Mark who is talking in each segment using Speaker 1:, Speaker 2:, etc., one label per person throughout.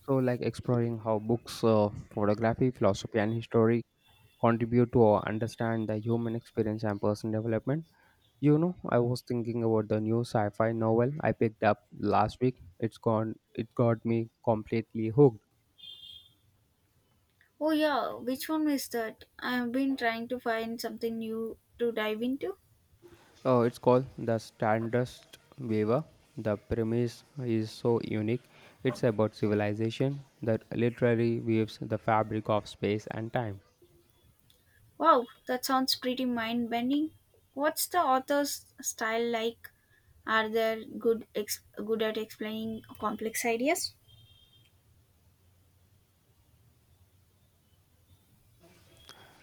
Speaker 1: So, like exploring how books, photography, philosophy, and history contribute to understand the human experience and personal development. You know, I was thinking about the new sci-fi novel I picked up last week. It's gone. It got me completely hooked.
Speaker 2: Oh yeah, which one is that? I've been trying to find something new to dive into.
Speaker 1: Oh, it's called The Stardust Weaver. The premise is so unique. It's about civilization that literally weaves the fabric of space and time.
Speaker 2: Wow, that sounds pretty mind bending. What's the author's style like? Are they good at explaining complex ideas?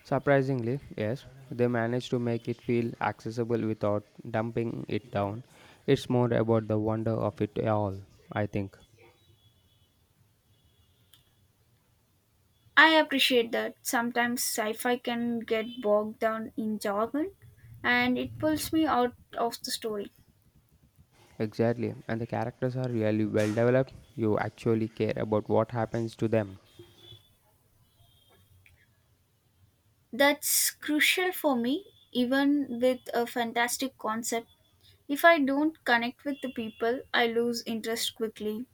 Speaker 1: Surprisingly, yes, they managed to make it feel accessible without dumping it down. It's more about the wonder of it all, I think.
Speaker 2: I appreciate that. Sometimes sci-fi can get bogged down in jargon, and it pulls me out of the story.
Speaker 1: Exactly, and the characters are really well developed. You actually care about what happens to them.
Speaker 2: That's crucial for me, even with a fantastic concept. If I don't connect with the people, I lose interest quickly.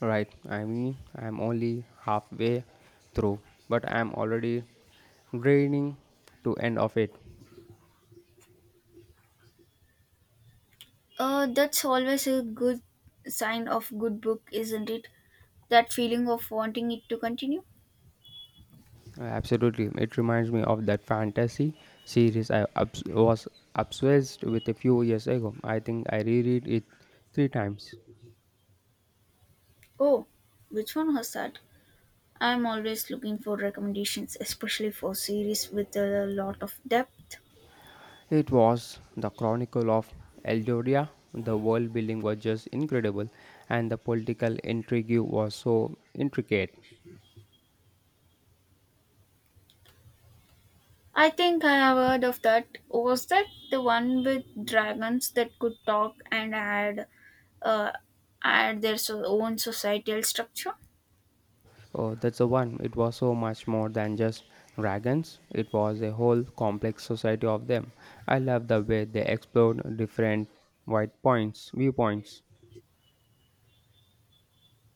Speaker 1: Right, I mean, I'm only halfway through, but I'm already draining to end of it.
Speaker 2: That's always a good sign of good book, isn't it? That feeling of wanting it to continue.
Speaker 1: Yeah, absolutely. It reminds me of that fantasy series I was obsessed with a few years ago. I think I reread it 3 times.
Speaker 2: Oh, which one was that? I'm always looking for recommendations, especially for series with a lot of depth.
Speaker 1: It was The Chronicle of Eldoria. The world building was just incredible, and the political intrigue was so intricate.
Speaker 2: I think I have heard of that. Was that the one with dragons that could talk and had, uh, had their own societal structure?
Speaker 1: Oh, that's the one. It was so much more than just dragons, it was a whole complex society of them. I love the way they explored different viewpoints.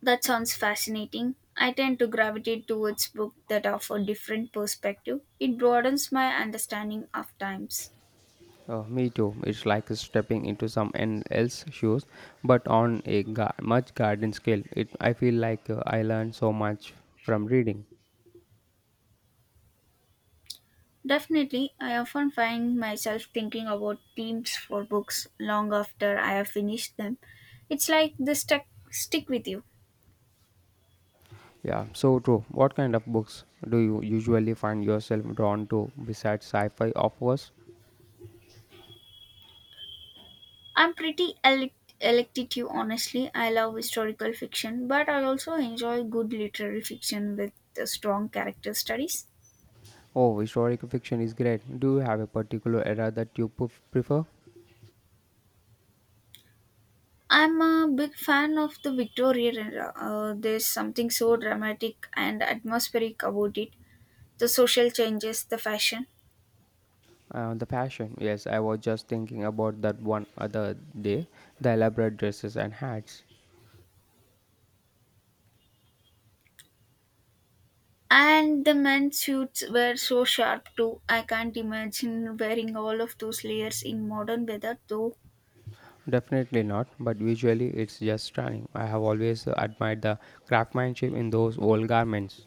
Speaker 2: That sounds fascinating. I tend to gravitate towards books that offer different perspective. It broadens my understanding of times.
Speaker 1: Me too. It's like stepping into someone else's shoes, but on a much garden scale. It I feel like I learn so much from reading.
Speaker 2: Definitely, I often find myself thinking about themes for books long after I have finished them. It's like they stuck stick with you.
Speaker 1: Yeah, so true. What kind of books do you usually find yourself drawn to besides sci-fi, of course?
Speaker 2: I'm pretty elective, honestly. I love historical fiction, but I also enjoy good literary fiction with strong character studies.
Speaker 1: Oh, historical fiction is great. Do you have a particular era that you prefer?
Speaker 2: I'm a big fan of the Victorian era. There's something so dramatic and atmospheric about it. The social changes, the fashion,
Speaker 1: The fashion. Yes, I was just thinking about that one other day. The elaborate dresses and hats.
Speaker 2: and the men's suits were so sharp too. I can't imagine wearing all of those layers in modern weather though.
Speaker 1: Definitely not, but visually it's just stunning. I have always admired the craftsmanship in those old garments.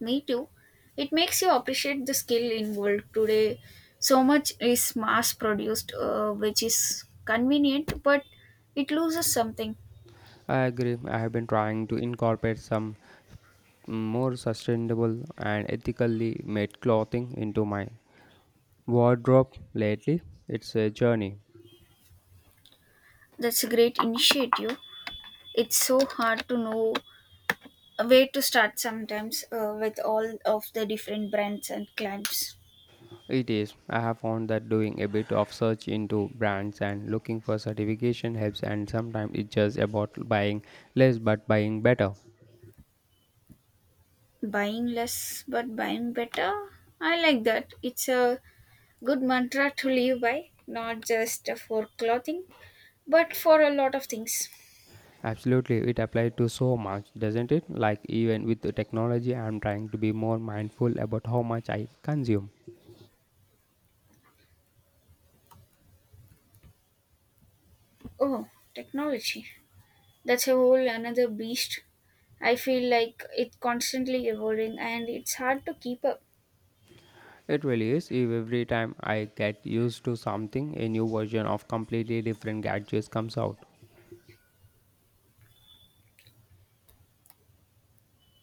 Speaker 2: Me too. It makes you appreciate the skill involved today. So much is mass produced, which is convenient, but it loses something.
Speaker 1: I agree, I have been trying to incorporate some more sustainable and ethically made clothing into my wardrobe lately. It's a journey.
Speaker 2: That's a great initiative. It's so hard to know a way to start sometimes with all of the different brands and clients.
Speaker 1: It is. I have found that doing a bit of search into brands and looking for certification helps, and sometimes it's just about buying less but buying better.
Speaker 2: Buying less but buying better. I like that. It's a good mantra to live by, not just for clothing, but for a lot of things.
Speaker 1: Absolutely, it applies to so much, doesn't it? Like, even with the technology, I'm trying to be more mindful about how much I consume.
Speaker 2: Oh, technology. That's a whole another beast. I feel like it's constantly evolving and it's hard to keep up.
Speaker 1: It really is. If every time I get used to something, a new version of completely different gadgets comes out.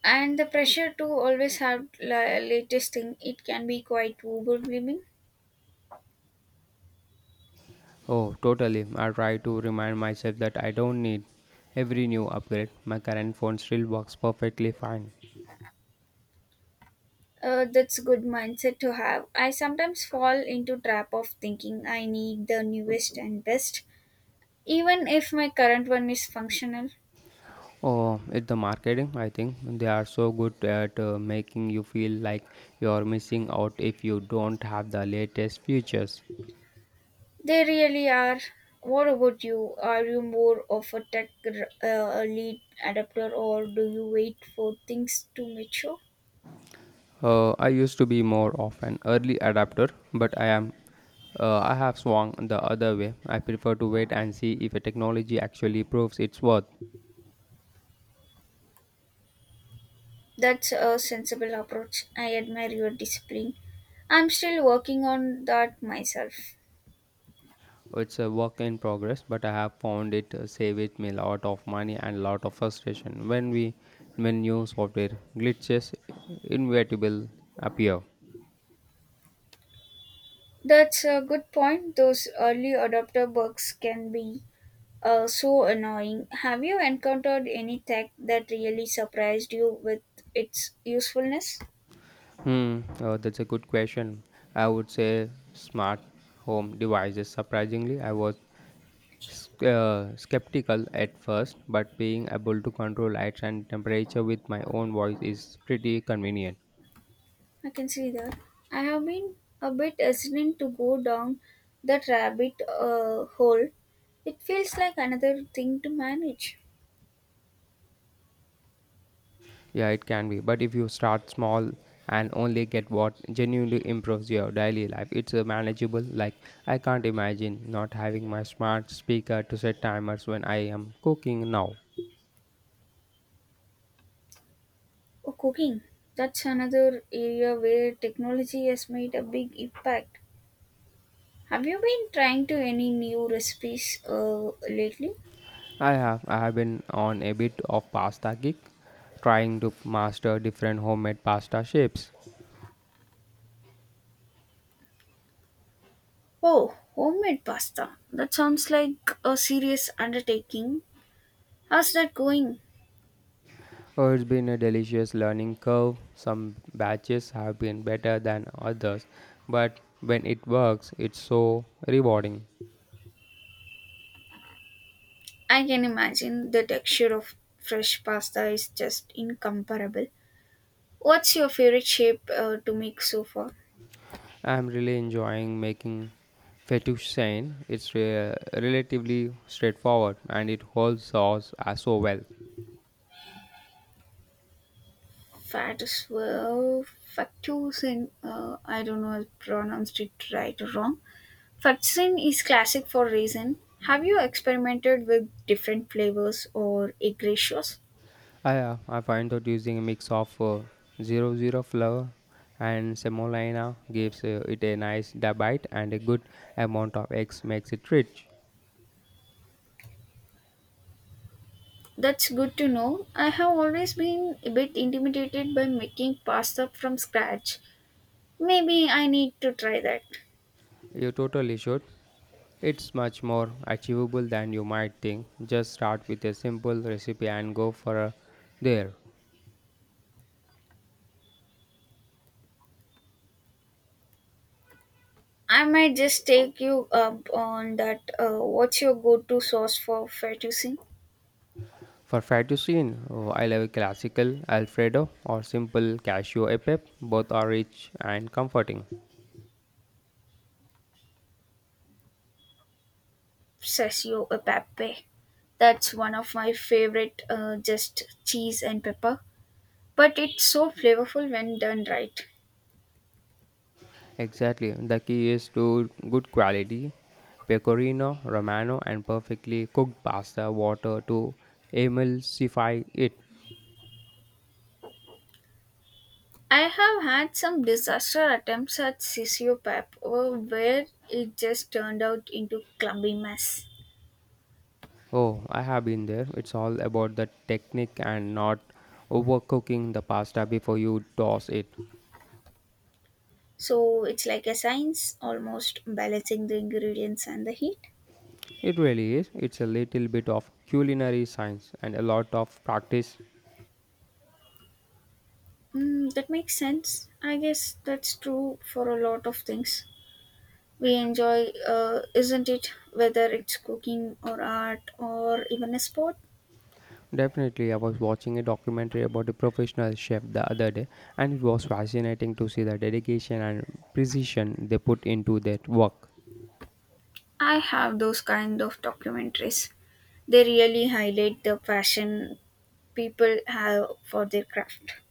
Speaker 2: And the pressure to always have latest thing, it can be quite overwhelming.
Speaker 1: Oh, totally. I try to remind myself that I don't need every new upgrade. My current phone still works perfectly fine.
Speaker 2: That's good mindset to have. I sometimes fall into trap of thinking I need the newest and best, even if my current one is functional.
Speaker 1: Oh, it's the marketing, I think. They are so good at making you feel like you're missing out if you don't have the latest features.
Speaker 2: They really are. What about you? Are you more of a tech lead adapter, or do you wait for things to mature?
Speaker 1: I used to be more of an early adapter, but I have swung the other way. I prefer to wait and see if a technology actually proves its worth.
Speaker 2: That's a sensible approach. I admire your discipline. I'm still working on that myself.
Speaker 1: It's a work in progress, but I have found it saves me a lot of money and a lot of frustration when new software glitches inevitable appear.
Speaker 2: That's a good point. Those early adopter bugs can be so annoying. Have you encountered any tech that really surprised you with its usefulness?
Speaker 1: That's a good question. I would say smart home devices. Surprisingly, I was skeptical at first, but being able to control lights and temperature with my own voice is pretty convenient.
Speaker 2: I can see that. I have been a bit hesitant to go down that rabbit hole. It feels like another thing to manage.
Speaker 1: Yeah, it can be, but if you start small and only get what genuinely improves your daily life, it's manageable. Like, I can't imagine not having my smart speaker to set timers when I am cooking now.
Speaker 2: Or cooking. That's another area where technology has made a big impact. Have you been trying to any new recipes lately?
Speaker 1: I have been on a bit of pasta kick, trying to master different homemade pasta shapes.
Speaker 2: Oh, homemade pasta. That sounds like a serious undertaking. How's that going?
Speaker 1: Oh, it's been a delicious learning curve. Some batches have been better than others, but when it works, it's so rewarding.
Speaker 2: I can imagine the texture of fresh pasta is just incomparable. What's your favorite shape to make so far?
Speaker 1: I'm really enjoying making fettuccine. It's relatively straightforward and it holds sauce so well.
Speaker 2: Fat as well. Fettuccine. I don't know if I pronounced it right or wrong. Fettuccine is classic for reason. Have you experimented with different flavors or egg ratios?
Speaker 1: I find that using a mix of 00 zero flour and semolina gives it a nice bite and a good amount of eggs makes it rich.
Speaker 2: That's good to know. I have always been a bit intimidated by making pasta from scratch. Maybe I need to try that.
Speaker 1: You totally should. It's much more achievable than you might think. Just start with a simple recipe and go for a, there.
Speaker 2: I might just take you up on that. What's your go-to sauce for fettuccine?
Speaker 1: For fettuccine, oh, I love a classical Alfredo or simple cashew e pepe. Both are rich and comforting.
Speaker 2: Sessio e pepe. That's one of my favorite. Just cheese and pepper, but it's so flavorful when done right.
Speaker 1: Exactly. The key is to good quality pecorino, romano, and perfectly cooked pasta water to emulsify it.
Speaker 2: I have had some disaster attempts at sessio pep where it just turned out into clumpy mess.
Speaker 1: Oh, I have been there. It's all about the technique and not overcooking the pasta before you toss it.
Speaker 2: So it's like a science, almost balancing the ingredients and the heat.
Speaker 1: It really is. It's a little bit of culinary science and a lot of practice.
Speaker 2: Mm, that makes sense. I guess that's true for a lot of things we enjoy, isn't it? Whether it's cooking or art or even a sport.
Speaker 1: Definitely, I was watching a documentary about a professional chef the other day, and it was fascinating to see the dedication and precision they put into their work.
Speaker 2: I have those kind of documentaries. They really highlight the passion people have for their craft.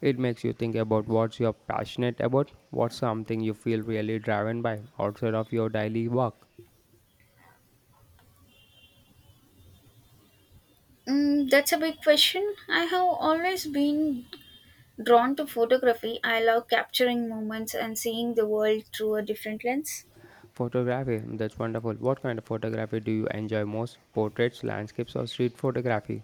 Speaker 1: It makes you think about what you're passionate about, what's something you feel really driven by outside of your daily work.
Speaker 2: Mm, that's a big question. I have always been drawn to photography. I love capturing moments and seeing the world through a different lens.
Speaker 1: Photography, that's wonderful. What kind of photography do you enjoy most? Portraits, landscapes, or street photography?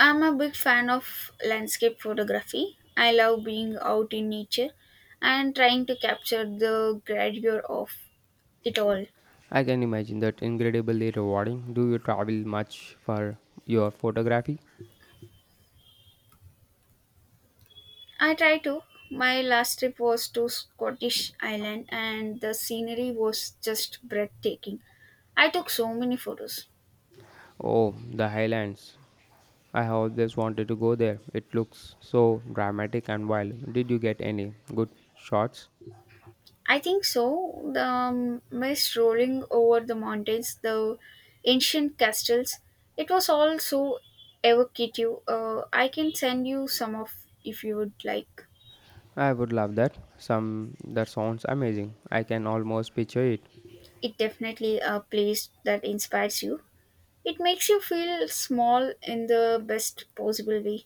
Speaker 2: I'm a big fan of landscape photography. I love being out in nature and trying to capture the grandeur of it all.
Speaker 1: I can imagine that incredibly rewarding. Do you travel much for your photography?
Speaker 2: I try to. My last trip was to Scottish Island and the scenery was just breathtaking. I took so many photos.
Speaker 1: Oh, the highlands. I have always wanted to go there. It looks so dramatic and wild. Did you get any good shots?
Speaker 2: I think so. The mist rolling over the mountains, the ancient castles, it was all so evocative. I can send you some of if you would like.
Speaker 1: I would love that. Some that sounds amazing. I can almost picture it.
Speaker 2: It definitely a place that inspires you. It makes you feel small in the best possible way.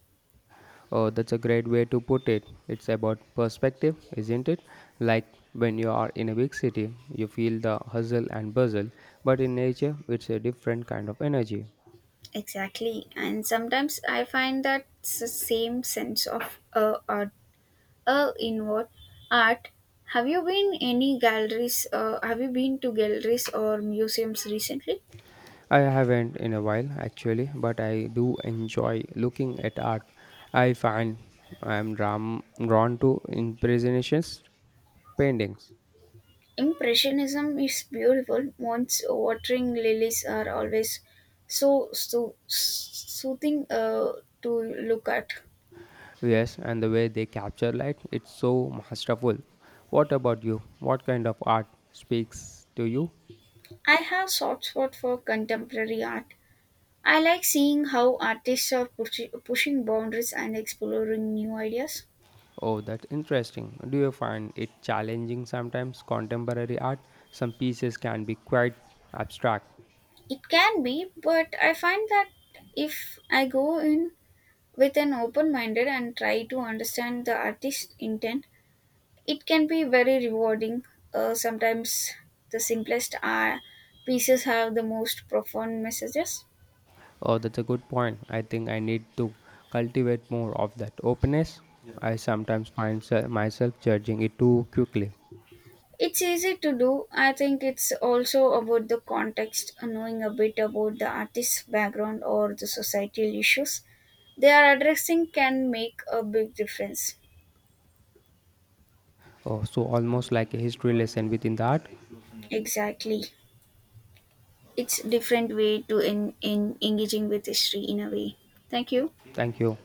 Speaker 1: Oh, that's a great way to put it. It's about perspective, isn't it? Like when you are in a big city, you feel the hustle and bustle, but in nature, it's a different kind of energy.
Speaker 2: Exactly, and sometimes I find that same sense of awe in what art? Have you been any galleries? Have you been to galleries or museums recently?
Speaker 1: I haven't in a while actually, but I do enjoy looking at art. I find I am drawn to impressionist paintings.
Speaker 2: Impressionism is beautiful. Once watering lilies are always so soothing to look at.
Speaker 1: Yes, and the way they capture light, it's so masterful. What about you? What kind of art speaks to you?
Speaker 2: I have soft spot for contemporary art. I like seeing how artists are pushing boundaries and exploring new ideas.
Speaker 1: Oh, that's interesting. Do you find it challenging sometimes? Contemporary art, some pieces can be quite abstract.
Speaker 2: It can be, but I find that if I go in with an open minded and try to understand the artist's intent it can be very rewarding sometimes the simplest pieces have the most profound messages.
Speaker 1: Oh, that's a good point. I think I need to cultivate more of that openness. I sometimes find myself judging it too quickly.
Speaker 2: It's easy to do. I think it's also about the context. Knowing a bit about the artist's background or the societal issues they are addressing can make a big difference.
Speaker 1: Oh, so almost like a history lesson within the art.
Speaker 2: Exactly. It's different way to in engaging with history in a way. Thank you.
Speaker 1: Thank you.